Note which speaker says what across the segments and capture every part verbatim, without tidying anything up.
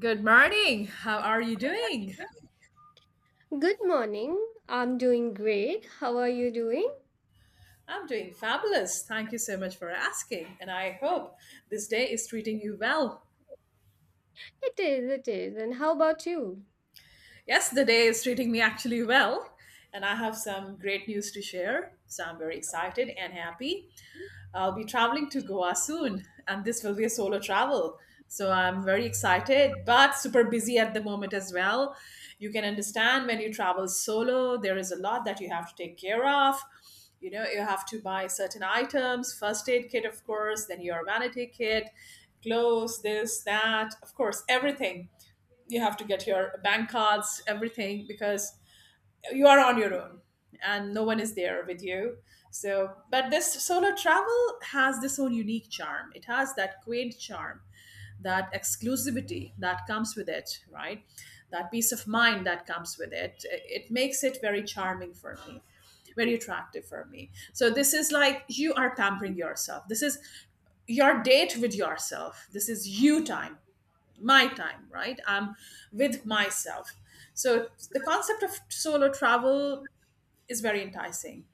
Speaker 1: Good morning. How are you doing?
Speaker 2: Good morning. I'm doing great. How are you doing?
Speaker 1: I'm doing fabulous. Thank you so much for asking. And I hope this day is treating you well.
Speaker 2: It is, it is. And how about you?
Speaker 1: Yes, the day is treating me actually well. And I have some great news to share. So I'm very excited and happy. I'll be traveling to Goa soon, and this will be a solo travel. So I'm very excited, but super busy at the moment as well. You can understand when you travel solo, there is a lot that you have to take care of. You know, you have to buy certain items, first aid kit, of course, then your vanity kit, clothes, this, that, of course, everything. You have to get your bank cards, everything, because you are on your own and no one is there with you. So but this solo travel has this own unique charm. It has that quaint charm, that exclusivity that comes with it, right, that peace of mind that comes with it. It makes it very charming for me, very attractive for me. So this is like you are pampering yourself. This is your date with yourself. This is you time, my time, right, I'm with myself. So the concept of solo travel is very enticing.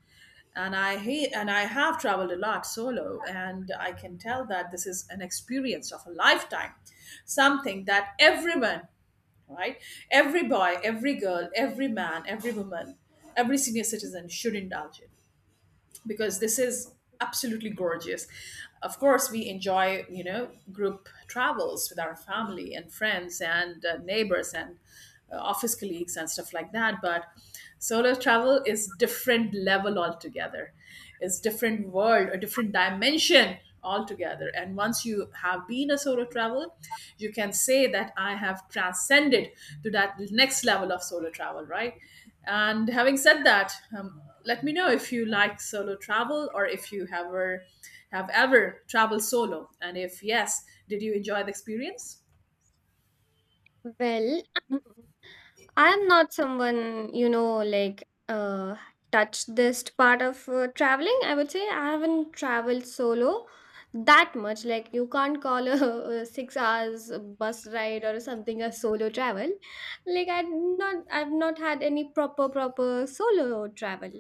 Speaker 1: And I hate, and I have traveled a lot solo, and I can tell that this is an experience of a lifetime, something that everyone, right, every boy, every girl, every man, every woman, every senior citizen should indulge in, because this is absolutely gorgeous. Of course, we enjoy, you know, group travels with our family and friends and uh, neighbors and uh, office colleagues and stuff like that. But solo travel is different level altogether. It's different world, a different dimension altogether. And once you have been a solo travel, you can say that I have transcended to that next level of solo travel, right. And having said that, um, let me know if you like solo travel, or if you ever have ever traveled solo, and if yes, did you enjoy the experience?
Speaker 2: Well, I'm not someone, you know, like uh touched this part of uh, traveling. I would say I haven't traveled solo that much. Like you can't call a, a six hours bus ride or something a solo travel. Like I not I've not had any proper proper solo travel.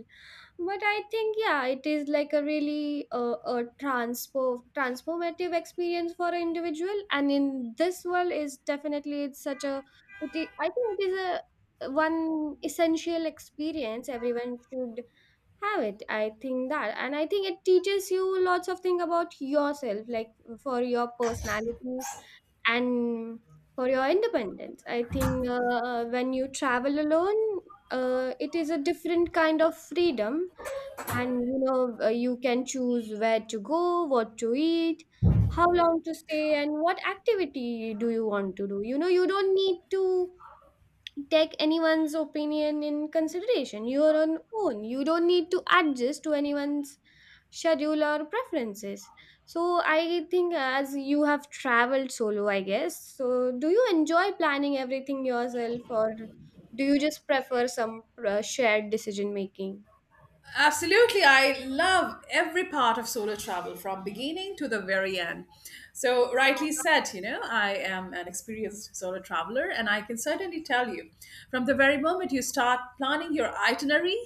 Speaker 2: But I think, yeah, it is like a really uh, a transpo- transformative experience for an individual, and in this world is definitely it's such a, it is, I think it is a uh, one essential experience everyone should have it, I think that. And I think it teaches you lots of things about yourself, like uh, for your personality and for your independence. I think uh, when you travel alone, uh, it is a different kind of freedom. And you know, uh, you can choose where to go, what to eat, how long to stay, and what activity do you want to do. You know, you don't need to take anyone's opinion in consideration. You're on own. You don't need to adjust to anyone's schedule or preferences. So I think, as you have traveled solo, I guess, so do you enjoy planning everything yourself, or do you just prefer some uh, shared decision making?
Speaker 1: Absolutely. I love every part of solo travel from beginning to the very end. So, rightly said, you know, I am an experienced solo traveler, and I can certainly tell you, from the very moment you start planning your itinerary,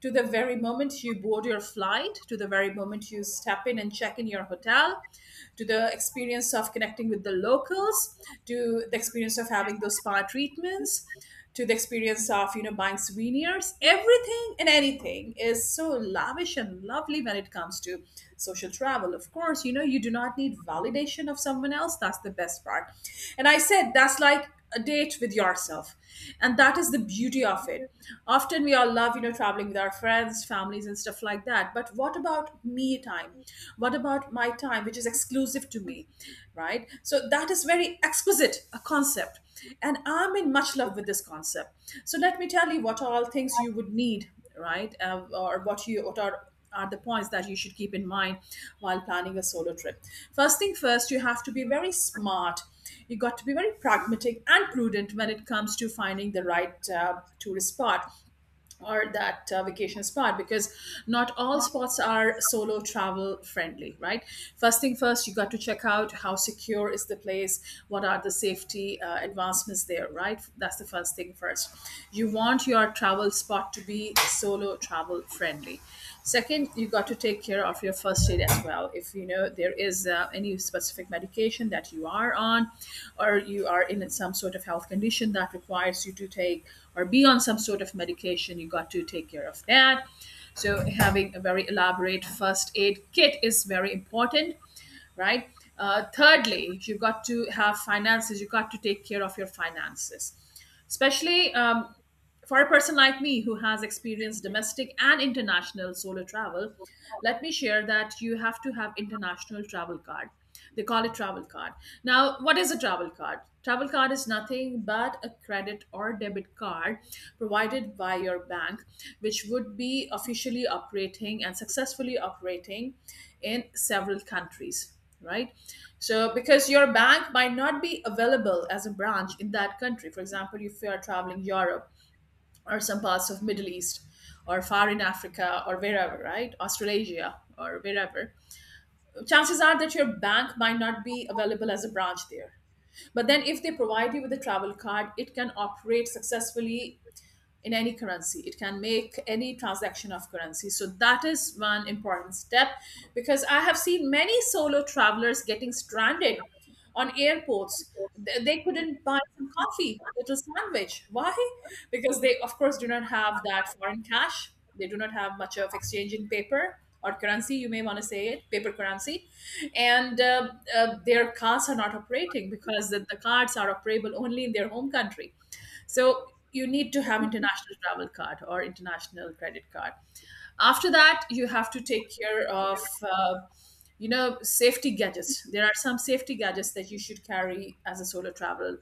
Speaker 1: to the very moment you board your flight, to the very moment you step in and check in your hotel, to the experience of connecting with the locals, to the experience of having those spa treatments, to the experience of you know buying souvenirs. Everything and anything is so lavish and lovely when it comes to social travel. Of course, you know you do not need validation of someone else. That's the best part. And I said that's like like a date with yourself, and that is the beauty of it. Often we all love, you know traveling with our friends, families, and stuff like that. But what about me time? What about my time, which is exclusive to me, right? So that is very exquisite a concept, and I'm in much love with this concept. So let me tell you what all things you would need, right, uh, or what you what are are the points that you should keep in mind while planning a solo trip. First thing first, you have to be very smart. You got to be very pragmatic and prudent when it comes to finding the right uh, tourist spot, or that uh, vacation spot, because not all spots are solo travel friendly, right. First thing first, you got to check out how secure is the place, what are the safety uh, advancements there, right. That's the first thing first. You want your travel spot to be solo travel friendly. Second, you got to take care of your first aid as well. If you know there is uh, any specific medication that you are on, or you are in some sort of health condition that requires you to take or be on some sort of medication, you got to take care of that. So having a very elaborate first aid kit is very important, right. Uh, thirdly, you got to have finances. You got to take care of your finances, especially um, for a person like me, who has experienced domestic and international solo travel. Let me share that you have to have international travel card. They call it travel card. Now, what is a travel card? Travel card is nothing but a credit or debit card provided by your bank, which would be officially operating and successfully operating in several countries, right. So, because your bank might not be available as a branch in that country. For example, if you are traveling Europe, or some parts of Middle East, or far in Africa, or wherever, right, Australasia or wherever, chances are that your bank might not be available as a branch there. But then if they provide you with a travel card, it can operate successfully in any currency. It can make any transaction of currency. So that is one important step, because I have seen many solo travelers getting stranded on airports. Th- They couldn't buy some coffee, little sandwich. Why? Because they, of course, do not have that foreign cash. They do not have much of exchange in paper or currency, you may want to say it, paper currency. And uh, uh, their cards are not operating, because the, the cards are operable only in their home country. So you need to have international travel card or international credit card. After that, you have to take care of uh, you know safety gadgets. There are some safety gadgets that you should carry as a solo travel,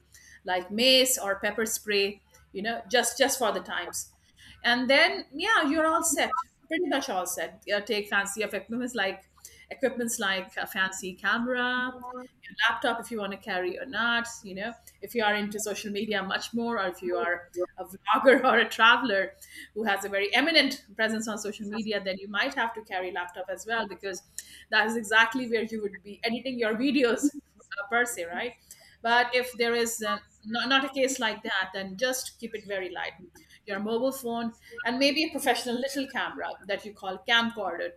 Speaker 1: like mace or pepper spray. You know, just just for the times. And then, yeah, you're all set. Pretty much all set. Yeah, take fancy of equipments like equipments like a fancy camera, your laptop, if you want to carry or not. You know, if you are into social media much more, or if you are a vlogger or a traveler who has a very eminent presence on social media, then you might have to carry laptop as well, because that is exactly where you would be editing your videos, uh, per se, right? But if there is uh not, not a case like that, then just keep it very light. Your mobile phone, and maybe a professional little camera that you call camcorder,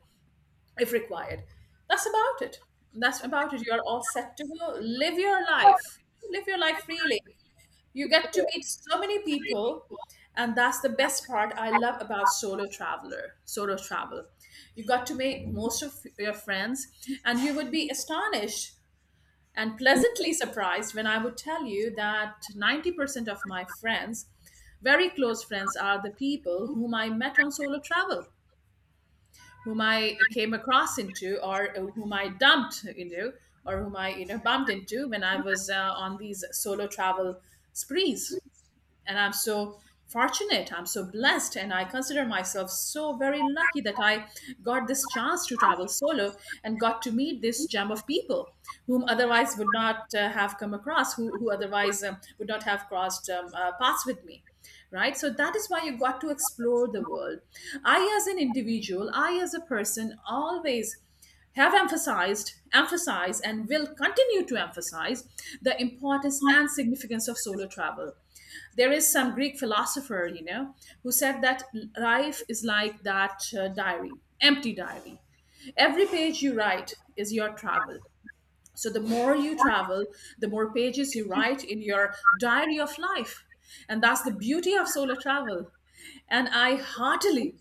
Speaker 1: if required. That's about it. That's about it. You're all set to go. Live your life. Live your life freely. You get to meet so many people, and that's the best part I love about solo traveler, solo travel. You got to make most of your friends, and you would be astonished and pleasantly surprised when I would tell you that ninety percent of my friends, very close friends, are the people whom I met on solo travel, whom I came across into, or whom I dumped into, or whom I you know bumped into, when I was uh, on these solo travel sprees. And I'm so fortunate, I'm so blessed, and I consider myself so very lucky, that I got this chance to travel solo and got to meet this gem of people, whom otherwise would not uh, have come across, who, who otherwise um, would not have crossed um, uh, paths with me, right. So that is why you got to explore the world. I as an individual i as a person, always have emphasized, emphasize, and will continue to emphasize the importance and significance of solo travel. There is some Greek philosopher, you know who said that life is like that uh, diary empty diary. Every page you write is your travel. So the more you travel, the more pages you write in your diary of life. And that's the beauty of solo travel. And I heartily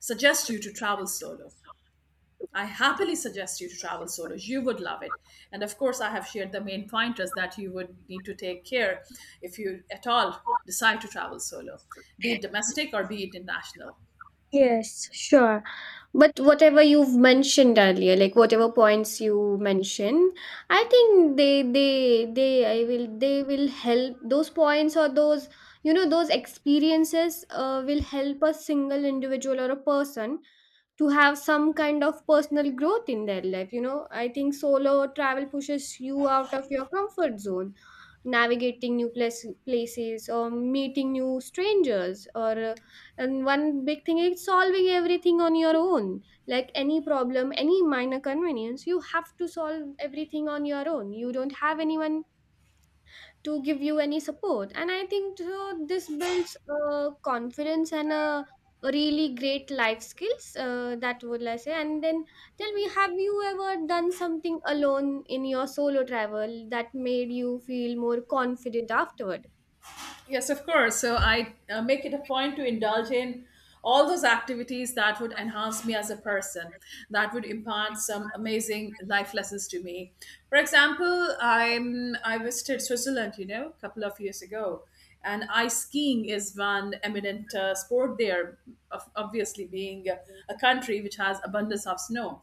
Speaker 1: suggest you to travel solo. I happily suggest you to travel solo. You would love it. And of course, I have shared the main pointers that you would need to take care, if you at all decide to travel solo, be it domestic or be it international.
Speaker 2: Yes, sure. But whatever you've mentioned earlier, like whatever points you mention, I think they they they I will they will help those points or those, you know, those experiences uh, will help a single individual or a person to have some kind of personal growth in their life. You know, I think solo travel pushes you out of your comfort zone, navigating new place, places, or meeting new strangers, or uh, and one big thing is solving everything on your own. Like any problem, any minor convenience, you have to solve everything on your own. You don't have anyone to give you any support, and I think so this builds uh, confidence and a really great life skills, uh, that would I say. And then tell me, have you ever done something alone in your solo travel that made you feel more confident afterward?
Speaker 1: Yes, of course. So I uh, make it a point to indulge in all those activities that would enhance me as a person, that would impart some amazing life lessons to me. For example, I'm I visited Switzerland, you know, a couple of years ago, and ice skiing is one eminent uh, sport there, of- obviously being a a country which has abundance of snow.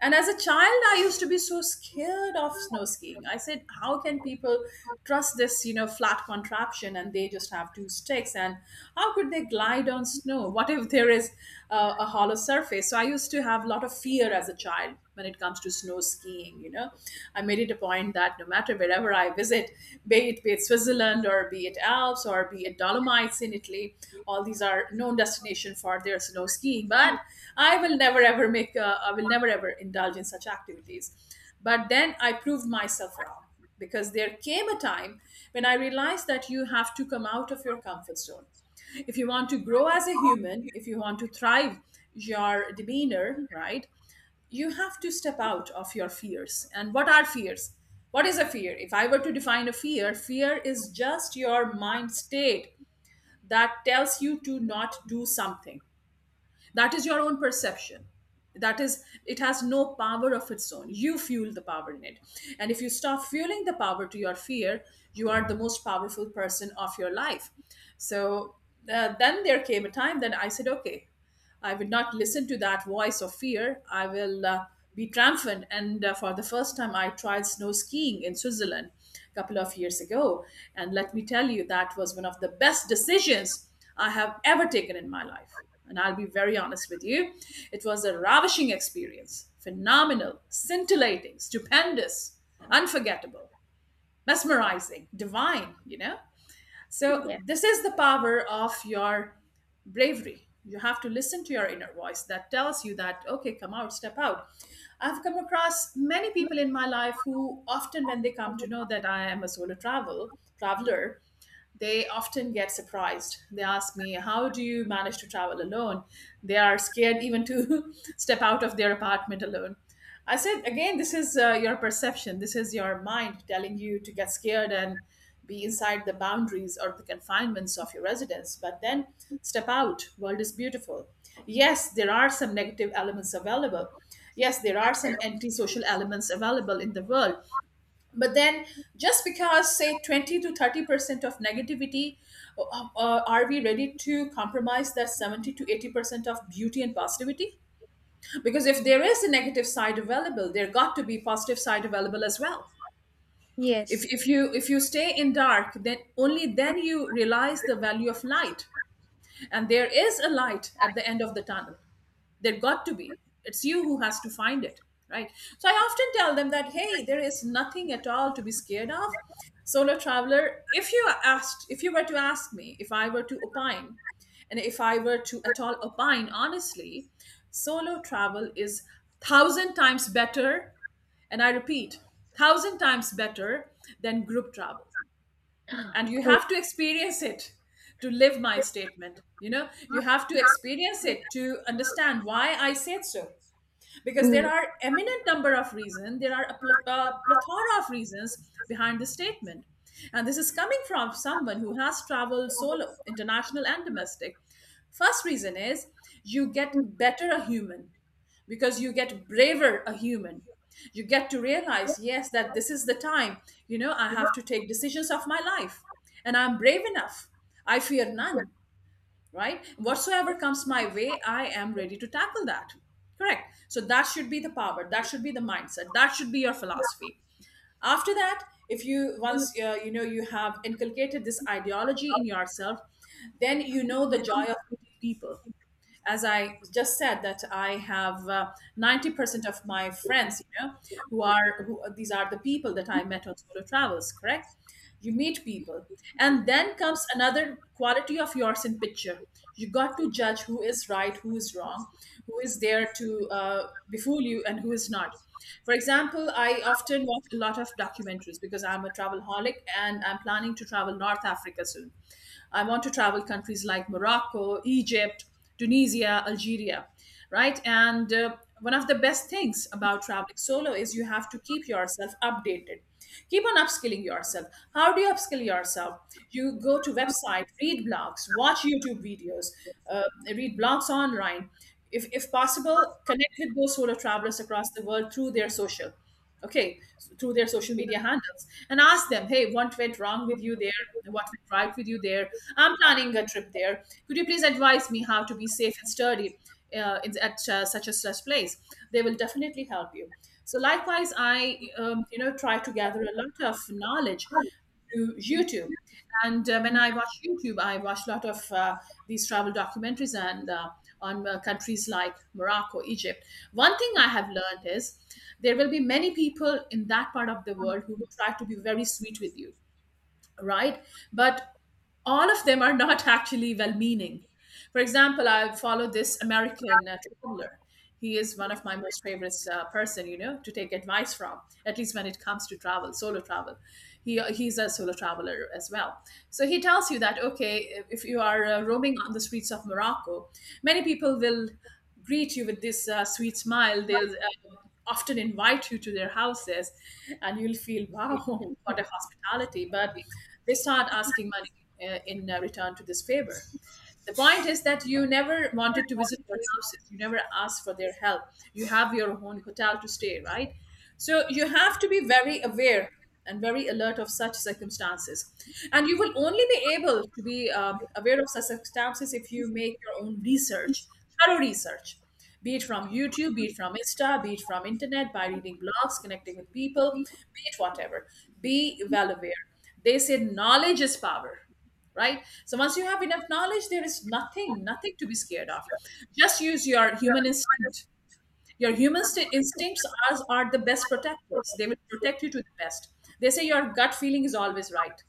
Speaker 1: And as a child, I used to be so scared of snow skiing. I said, how can people trust this, you know, flat contraption, and they just have two sticks? And how could they glide on snow? What if there is uh, a hollow surface? So I used to have a lot of fear as a child when it comes to snow skiing you know I made it a point that no matter wherever I visit, be it, be it Switzerland or be it Alps or be it Dolomites in Italy. All these are known destination for their snow skiing, but I will never ever make uh, I will never ever indulge in such activities. But then I proved myself wrong, because there came a time when I realized that you have to come out of your comfort zone. If you want to grow as a human, if you want to thrive your demeanor, right, you have to step out of your fears. And what are fears? What is a fear? If I were to define a fear, fear is just your mind state that tells you to not do something. That is your own perception. That is, it has no power of its own. You fuel the power in it. And if you stop fueling the power to your fear, you are the most powerful person of your life. So uh, then there came a time that I said, okay, I would not listen to that voice of fear. I will uh, be triumphant. And uh, For the first time, I tried snow skiing in Switzerland a couple of years ago. And let me tell you, that was one of the best decisions I have ever taken in my life. And I'll be very honest with you, it was a ravishing experience. Phenomenal, scintillating, stupendous, unforgettable, mesmerizing, divine, you know? So,
Speaker 2: Yeah.
Speaker 1: this is the power of your bravery. You have to listen to your inner voice that tells you that, okay, come out, step out. I've come across many people in my life who often, when they come to know that I am a solo travel traveler, they often get surprised. They ask me, how do you manage to travel alone? They are scared even to step out of their apartment alone. I said, again, this is uh, your perception. This is your mind telling you to get scared and be inside the boundaries or the confinements of your residence. But then step out. World is beautiful. Yes, there are some negative elements available. Yes, there are some antisocial elements available in the world, but then just because say twenty to thirty percent of negativity, uh, uh, are we ready to compromise that seventy to eighty percent of beauty and positivity? Because if there is a negative side available, there got to be positive side available as well. if,
Speaker 2: Yes.
Speaker 1: if you if you stay in dark, then only then you realize the value of light. And there is a light at the end of the tunnel. There got to be, it's you who has to find it, right? So I often tell them that, hey, there is nothing at all to be scared of. Solo traveler, if you asked, if you were to ask me, if I were to opine, and if I were to at all opine honestly, solo travel is thousand times better, and I repeat, thousand times better than group travel. And you
Speaker 2: uh,
Speaker 1: have to experience it to live my statement, you know, you have to experience it to understand why I said so. Because
Speaker 2: mm.
Speaker 1: there are eminent number of
Speaker 2: 嗯
Speaker 1: reasons,
Speaker 2: 嗯，行
Speaker 1: there are a pl- uh, plethora of reasons behind the statement. And this is coming from someone who has traveled solo international and domestic. First reason is, you get better a human, because you get braver a human. You get to realize, yes, that this is the time, you know, I have to take decisions of my life, and I'm brave enough. I fear none. Right,
Speaker 2: 行，
Speaker 1: whatsoever comes my
Speaker 2: 行
Speaker 1: way, I
Speaker 2: 行，
Speaker 1: am ready to tackle that. Correct, so that should be the power, that should be the mindset, that should be your philosophy.
Speaker 2: 行。
Speaker 1: After that, if you once uh, you know you have inculcated this ideology in yourself, then you know the joy of meeting people. As I just said, that I have uh, ninety percent of my friends, you know, who are who, these are the people that I met on solo travels. Correct? You meet people, and then comes another quality of yours in picture. You got to judge who is right, who is wrong, who is there to uh, befool you, and who is not. For example, I often watch a lot of documentaries because I'm a travel holic, and I'm planning to travel North Africa soon. I want to travel countries like Morocco, Egypt, Tunisia, Algeria, right? And uh, One of the best things about traveling solo is you have to keep yourself updated. Keep on upskilling yourself. How do you upskill yourself? You go to website, read blogs, watch YouTube videos, uh, read blogs online. If, if possible, connect with those solo travelers across the world through their social, okay, so through their social media handles, and ask them, hey, what went wrong with you there? What went right with you there? I'm planning a trip there. Could you please advise me how to be safe and sturdy uh, in, at uh, such a such place? They will definitely help you. So likewise, I um, you know try to gather a lot of knowledge to YouTube. And uh, When I watch YouTube, I watch a lot of uh, these travel documentaries, and uh, on uh, countries like Morocco, Egypt. One thing I have learned is there will be many people in that part of the world who will try to be very sweet with you, right? But all of them are not actually well meaning. For example, I follow this American uh, traveler. He is one of my most favorite uh, person, you know, to take advice from. At least when it comes to travel, solo travel, he uh, he's a solo traveler as well. So he tells you that, okay, if you are uh, roaming on the streets of Morocco, many people will greet you with this uh, sweet smile. They'll uh, often invite you to their houses, and you'll feel, wow, what a hospitality. But they start asking money uh, in uh, return to this favor. The point is that you never wanted to visit their houses. You never asked for their help. You have your own hotel to stay, right? So you have to be very aware and very alert of such circumstances. And you will only be able to be uh, aware of such circumstances if you make your own research, thorough research, be it from YouTube, be it from Insta, be it from internet, by reading blogs, connecting with people, be it whatever. Be well aware. They say knowledge is power, right? So once you have enough knowledge, there is nothing nothing to be scared of. Just use your human instinct, your human st- instincts are, are the best protectors. They will protect you to the best. They say your gut feeling is always right,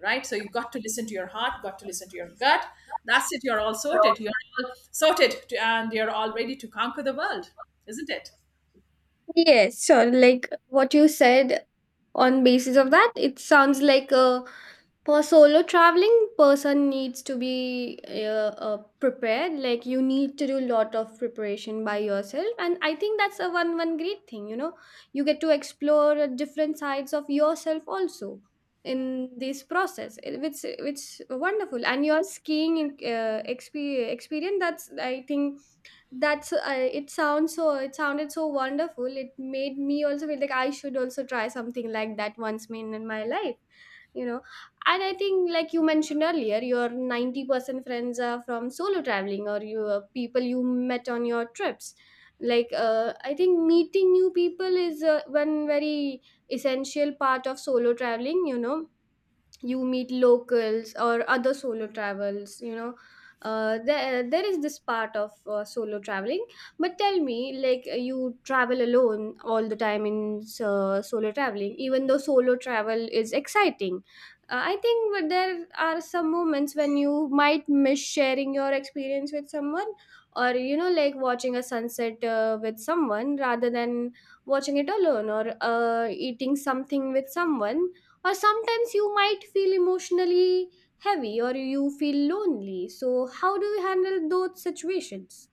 Speaker 1: right? So you got to listen to your heart, got to listen to your gut. That's it, you're all sorted, you're all sorted to, and you're all ready to conquer the world, isn't it?
Speaker 2: Yes, so like what you said, on basis of that, it sounds like a, for solo traveling, person needs to be uh, uh, prepared. Like you need to do a lot of preparation by yourself, and I think that's a one one great thing, you know. You get to explore uh, different sides of yourself also in this process. It- it's which wonderful. And your skiing in- uh, expe- experience, that's, I think, that's uh, it sounds so, it sounded so wonderful. It made me also feel like I should also try something like that once in my life, you know. And I think, like you mentioned earlier, your ninety percent friends are from solo traveling, or you uh, people you met on your trips. Like uh, I think meeting new people is uh, one very essential part of solo traveling, you know. You meet locals or other solo travels, you know. uh, there, there is this part of uh, solo traveling. But tell me, like uh, you travel alone all the time in uh, solo traveling. Even though solo travel is exciting, uh, I think that there are some moments when you might miss sharing your experience with someone, or you know, like watching a sunset uh, with someone rather than watching it alone, or uh, eating something with someone, or sometimes you might feel emotionally heavy, or you feel lonely. So how do you handle those situations?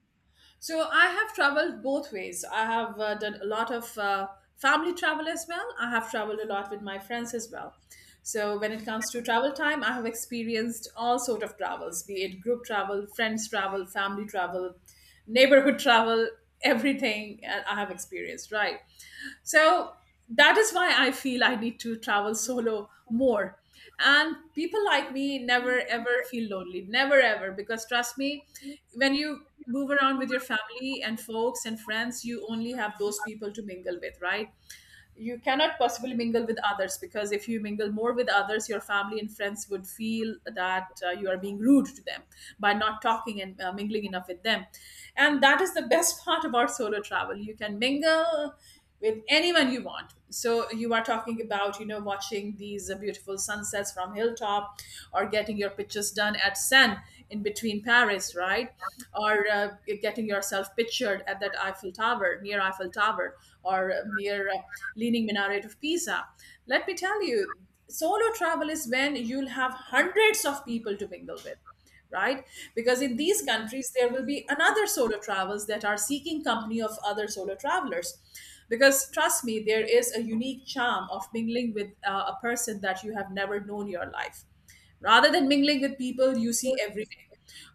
Speaker 1: So I have traveled both ways. I have uh, done a lot of uh, family travel as well. I have traveled a lot with my friends as well. So when it comes to travel time, I have experienced all sort of travels, be it group travel, friends travel, family travel, neighborhood travel, everything uh, I have experienced, right? So that is why I feel I need to travel solo more. And people like me never ever feel lonely, never ever, because trust me, when you move around with your family and folks and friends, you only have those people to mingle with, right? You cannot possibly mingle with others, because if you mingle more with others, your family and friends would feel that uh, you are being rude to them by not talking and uh, mingling enough with them. And that is the best part about solo travel, you can mingle with anyone you want. So you are talking about, you know, watching these uh, beautiful sunsets from hilltop, or getting your pictures done at Seine in between Paris, right? Or uh, getting yourself pictured at that Eiffel Tower, near Eiffel Tower, or uh, near uh, Leaning Minaret of Pisa. Let me tell you, solo travel is when you'll have hundreds of people to mingle with, right? Because in these countries there will be another solo travels that are seeking company of other solo travelers. Because trust me, there is a unique charm of mingling with uh, a person that you have never known your life, rather than mingling with people you see every day,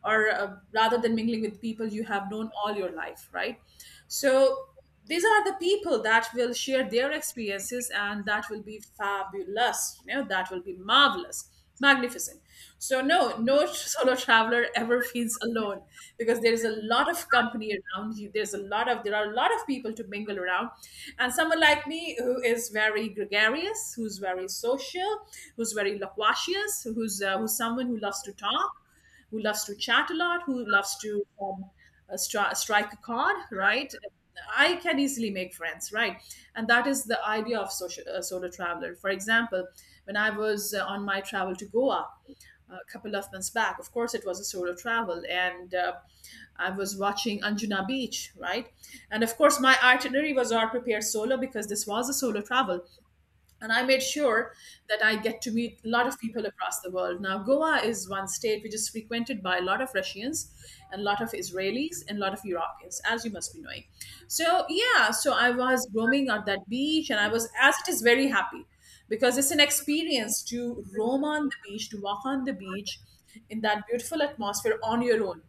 Speaker 1: or uh, rather than mingling with people you have known all your life, right? So these are the people that will share their experiences, and that will be fabulous, you know that will be marvelous, magnificent. So no, no solo traveler ever feels alone, because there's a lot of company around you. There's a lot of there are a lot of people to mingle around, and someone like me who is very gregarious, who's very social, who's very loquacious, who's uh, who's someone who loves to talk, who loves to chat a lot, who loves to um, uh, stri- strike a chord, right? I can easily make friends, right? And that is the idea of social, uh, solo traveler. For example, when I was uh, on my travel to Goa a couple of months back. Of course, it was a solo travel, and uh, I was watching Anjuna Beach, right? And of course, my itinerary was all prepared solo, because this was a solo travel. And I made sure that I get to meet a lot of people across the world. Now Goa is one state which is frequented by a lot of Russians and a lot of Israelis and a lot of Europeans, as you must be knowing. So yeah, so I was roaming on that beach, and I was as it is very happy, because it's an experience to roam on the beach, to walk on the beach in that beautiful atmosphere on your own.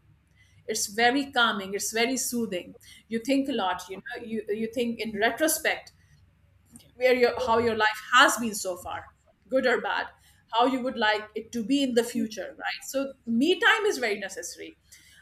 Speaker 1: It's very calming, it's very soothing. You think a lot, you know you you think in retrospect, where your how your life has been so far, good or bad, how you would like it to be in the future, right? So me time is very necessary.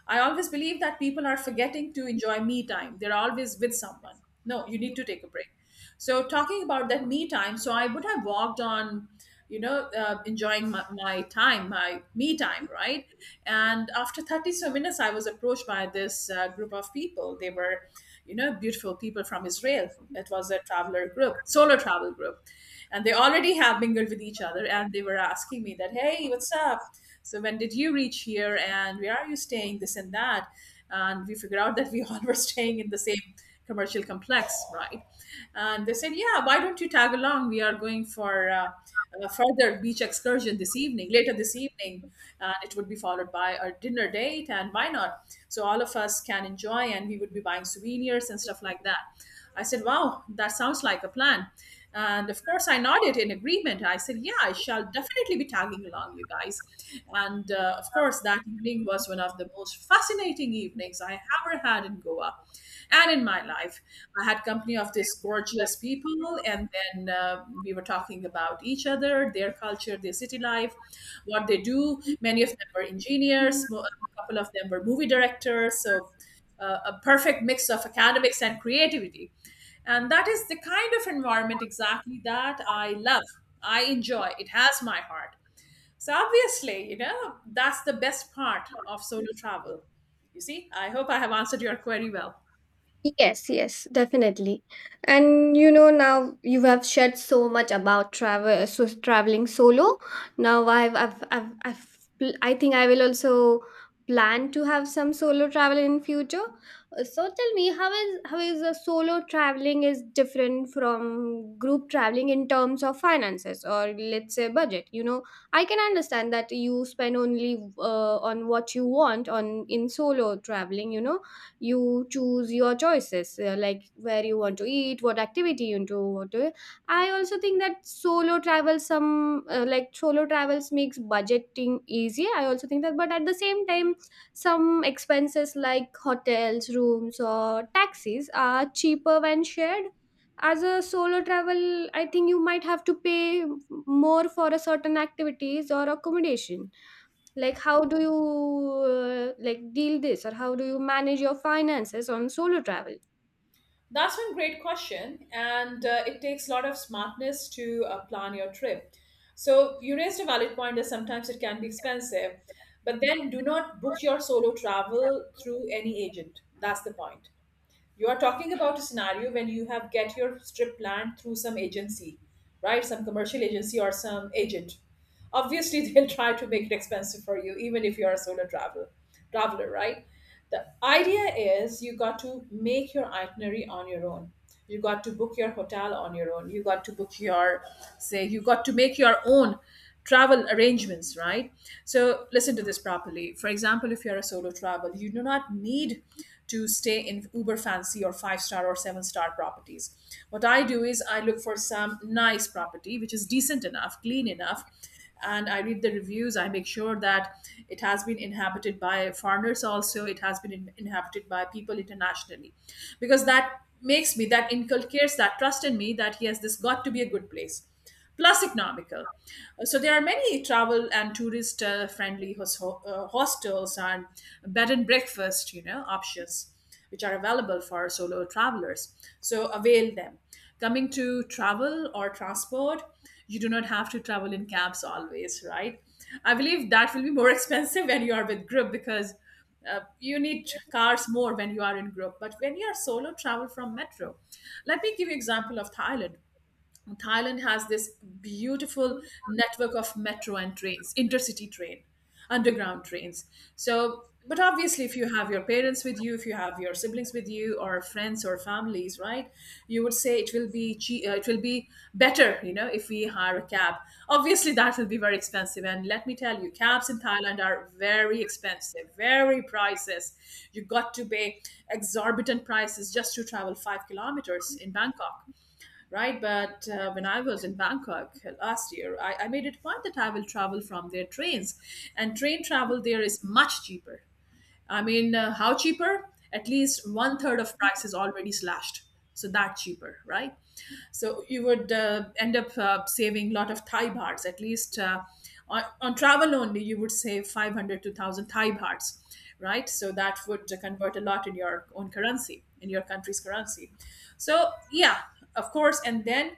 Speaker 1: I always believe that people are forgetting to enjoy me time, they're always with someone. No, you need to take a break. So talking about that me time, so I would have walked on, you know uh, enjoying my, my time, my me time, right? And after thirty so minutes, I was approached by this uh, group of people. They were, you know beautiful people from Israel. It was a traveler group, solo travel group, and they already have mingled with each other, and they were asking me that, hey, what's up, so when did you reach here and where are you staying, this and that. And we figured out that we all were staying in the same commercial complex, right? And they said, "Yeah, why don't you tag along? We are going for." Uh, a further beach excursion this evening, later this evening, and it would be followed by a dinner date. And why not? So all of us can enjoy, and we would be buying souvenirs and stuff like that. I said, "Wow, that sounds like a plan." And of course, I nodded in agreement. I said, "Yeah, I shall definitely be tagging along, you guys." And uh, of course, that evening was one of the most fascinating evenings I ever had in Goa and in my life. I had company of this gorgeous people, and then uh, we were talking about each other, their culture, their city life, what they do. Many of them were engineers, mo- a couple of them were movie directors. So uh, a perfect mix of academics and creativity. And that is the kind of environment exactly that I love. I enjoy. It has my heart. So obviously, you know, that's the best part of solo travel. You see, I hope I have answered your query well.
Speaker 2: Yes, yes, definitely. And you know, now you have shared so much about travel, so traveling solo. Now I've, I've, I've, I've, pl- I think I will also plan to have some solo travel in future. Uh, So tell me, how is how is a solo traveling is different from group traveling in terms of finances, or let's say budget? You know, I can understand that you spend only uh, on what you want on in solo traveling. You know, you choose your choices, uh, like where you want to eat, what activity you do want to, I also think that solo travel some uh, like solo travels makes budgeting easy, I also think that. But at the same time, some expenses like hotels rooms or taxis are cheaper when shared. As a solo travel, I think you might have to pay more for a certain activities or accommodation. Like how do you uh, like deal this, or how do you manage your finances on solo travel?
Speaker 1: That's one great question, and uh, it takes a lot of smartness to uh, plan your trip. So, you raised a valid point that sometimes it can be expensive, but then do not book your solo travel through any agent. That's the point. You are talking about a scenario when you have get your strip land through some agency, right? Some commercial agency or some agent, obviously they'll try to make it expensive for you, even if you are a solo travel traveler, right? The idea is you got to make your itinerary on your own. You got to book your hotel on your own. You got to book your, say, you got to make your own travel arrangements, right? So listen to this properly. For example, if you're a solo travel, you do not need to stay in uber fancy or five star or seven star properties. What I do is I look for some nice property which is decent enough, clean enough, and I read the reviews. I make sure that it has been inhabited by foreigners also, it has been in- inhabited by people internationally, because that makes me that inculcates that trust in me, that yes, this got to be a good place, plus economical. So there are many travel and tourist uh, friendly hos- uh, hostels and bed and breakfast you know options which are available for solo travelers. So avail them. Coming to travel or transport, you do not have to travel in cabs always, right? I believe that will be more expensive when you are with group, because uh, you need cars more when you are in group. But when you are solo travel from metro, let me give you example of Thailand. Thailand has this beautiful network of metro and trains, intercity train, underground trains. So, but obviously, if you have your parents with you, if you have your siblings with you, or friends or families, right? You would say it will be che- uh, it will be better, you know, if we hire a cab. Obviously, that will be very expensive. And let me tell you, cabs in Thailand are very expensive, very prices. You got to pay exorbitant prices just to travel five kilometers in Bangkok, right? But uh, when I was in Bangkok last year, I, I made it a point that I will travel from their trains, and train travel there is much cheaper. I mean, uh, how cheaper? At least one third of price is already slashed. So that cheaper, right? So you would uh, end up uh, saving a lot of Thai bahts. At least uh, on, on travel only, you would save five hundred to one thousand Thai bahts, right? So that would uh, convert a lot in your own currency, in your country's currency. So yeah, of course. And then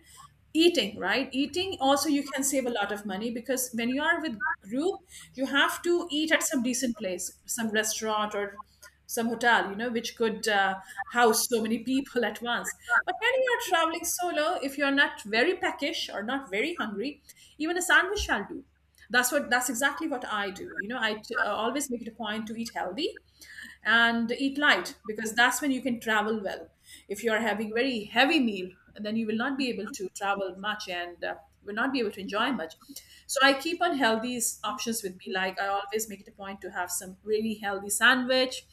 Speaker 1: eating, right, eating also you can save a lot of money, because when you are with group, you have to eat at some decent place, some restaurant or some hotel, you know which could uh, house so many people at once. But when you are traveling solo, if you are not very peckish or not very hungry, even a sandwich shall do. That's what that's exactly what I do. you know I uh, always make it a point to eat healthy and eat light, because that's when you can travel well. If you are having very heavy meal, then you will not be able to travel much, and uh, will not be able to enjoy much. So I keep on healthy s- options with me, like I always make it a point to have some really healthy sandwich,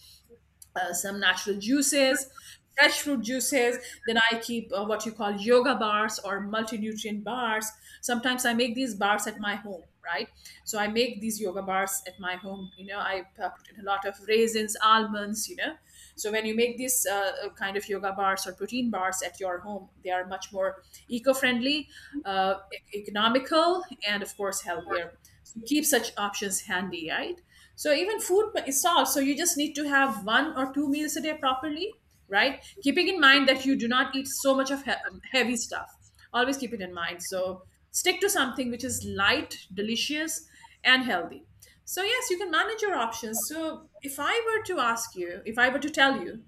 Speaker 1: uh, some natural juices, fresh fruit juices. Then I keep uh, what you call yoga bars or multinutrient bars. Sometimes I make these bars at my home, right? So I make these yoga bars at my home. You know, I uh, put in a lot of raisins, almonds, you know. So when you make these uh, uh, kind of yoga bars or protein bars at your home, they are much more eco-friendly, uh, e- economical, and of course healthier. So keep such options handy, right? So even food is solved. So you just need to have one or two meals a day properly, right? Keeping in mind that you do not eat so much of he- um, heavy stuff. Always keep it in mind. So stick to something which is light, delicious, and healthy. So yes, you can manage your options. So if I were to ask you, if I were to tell you,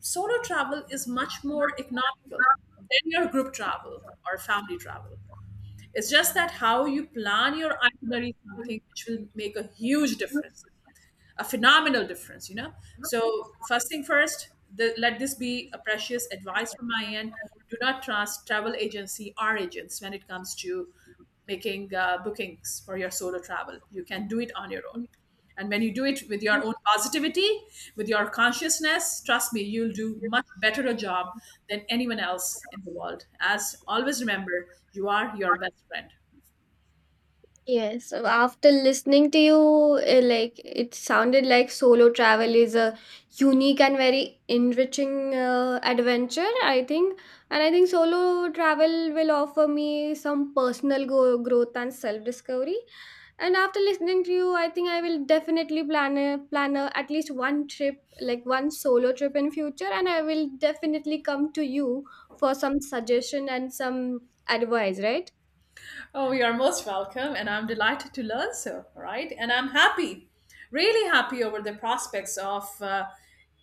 Speaker 1: solo travel is much more economical than your group travel or family travel. It's just that how you plan your itinerary is something which will make a huge difference, a phenomenal difference, you know so first thing first, the, let this be a precious advice from my end. Do not trust travel agency or agents when it comes to making uh, bookings for your solo travel. You can do it on your own, and when you do it with your own positivity, with your consciousness, trust me, you'll do much better a job than anyone else in the world, as always, remember you are your best friend.
Speaker 2: Yes, so after listening to you, uh, like it sounded like solo travel is a unique and very enriching uh, adventure, I think. And I think solo travel will offer me some personal go- growth and self-discovery. And after listening to you, I think I will definitely plan a plan a, at least one trip, like one solo trip in future, and I will definitely come to you for some suggestion and some advice, right?
Speaker 1: Oh, you're most welcome, and I'm delighted to learn so, right? And I'm happy, really happy over the prospects of uh,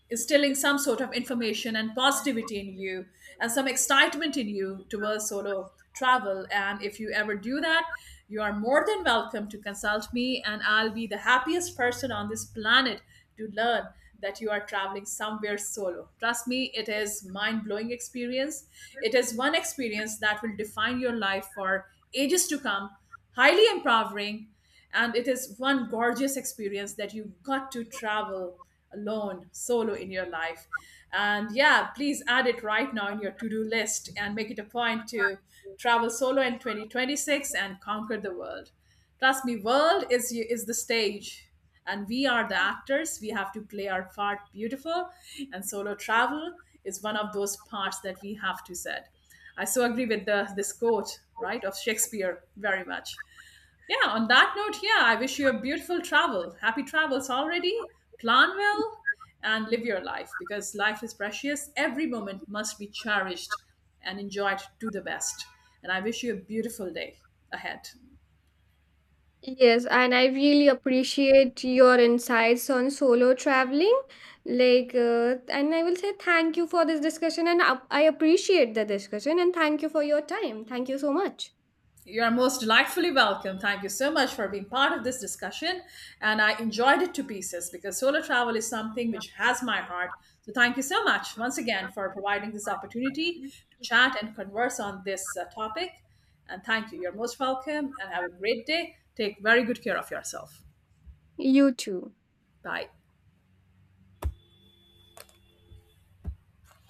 Speaker 1: instilling some sort of information and positivity in you and some excitement in you towards solo travel. And if you ever do that, you are more than welcome to consult me, and I'll be the happiest person on this planet to learn that you are traveling somewhere solo. Trust me, it is mind-blowing experience. It is one experience that will define your life for ages to come, highly empowering. And it is one gorgeous experience that you got to travel alone solo in your life. And yeah, please add it right now in your to-do list, and make it a point to travel solo in twenty twenty-six and conquer the world. Trust me, world is is the stage, and we are the actors. We have to play our part beautiful, and solo travel is one of those parts that we have to set. I so agree with the this quote, right, of Shakespeare, very much. Yeah, on that note, yeah, I wish you a beautiful travel. Happy travels already. Plan well and live your life, because life is precious. Every moment must be cherished and enjoyed to the best. And I wish you a beautiful day ahead.
Speaker 2: Yes, and I really appreciate your insights on solo traveling. Like, uh, and I will say thank you for this discussion, and up- I appreciate the discussion, and thank you for your time. Thank you so much.
Speaker 1: You are most delightfully welcome. Thank you so much for being part of this discussion. And I enjoyed it to pieces, because solar travel is something which has my heart. So thank you so much once again for providing this opportunity to chat and converse on this uh, topic. And thank you. You're most welcome and have a great day. Take very good care of yourself.
Speaker 2: You too.
Speaker 1: Bye.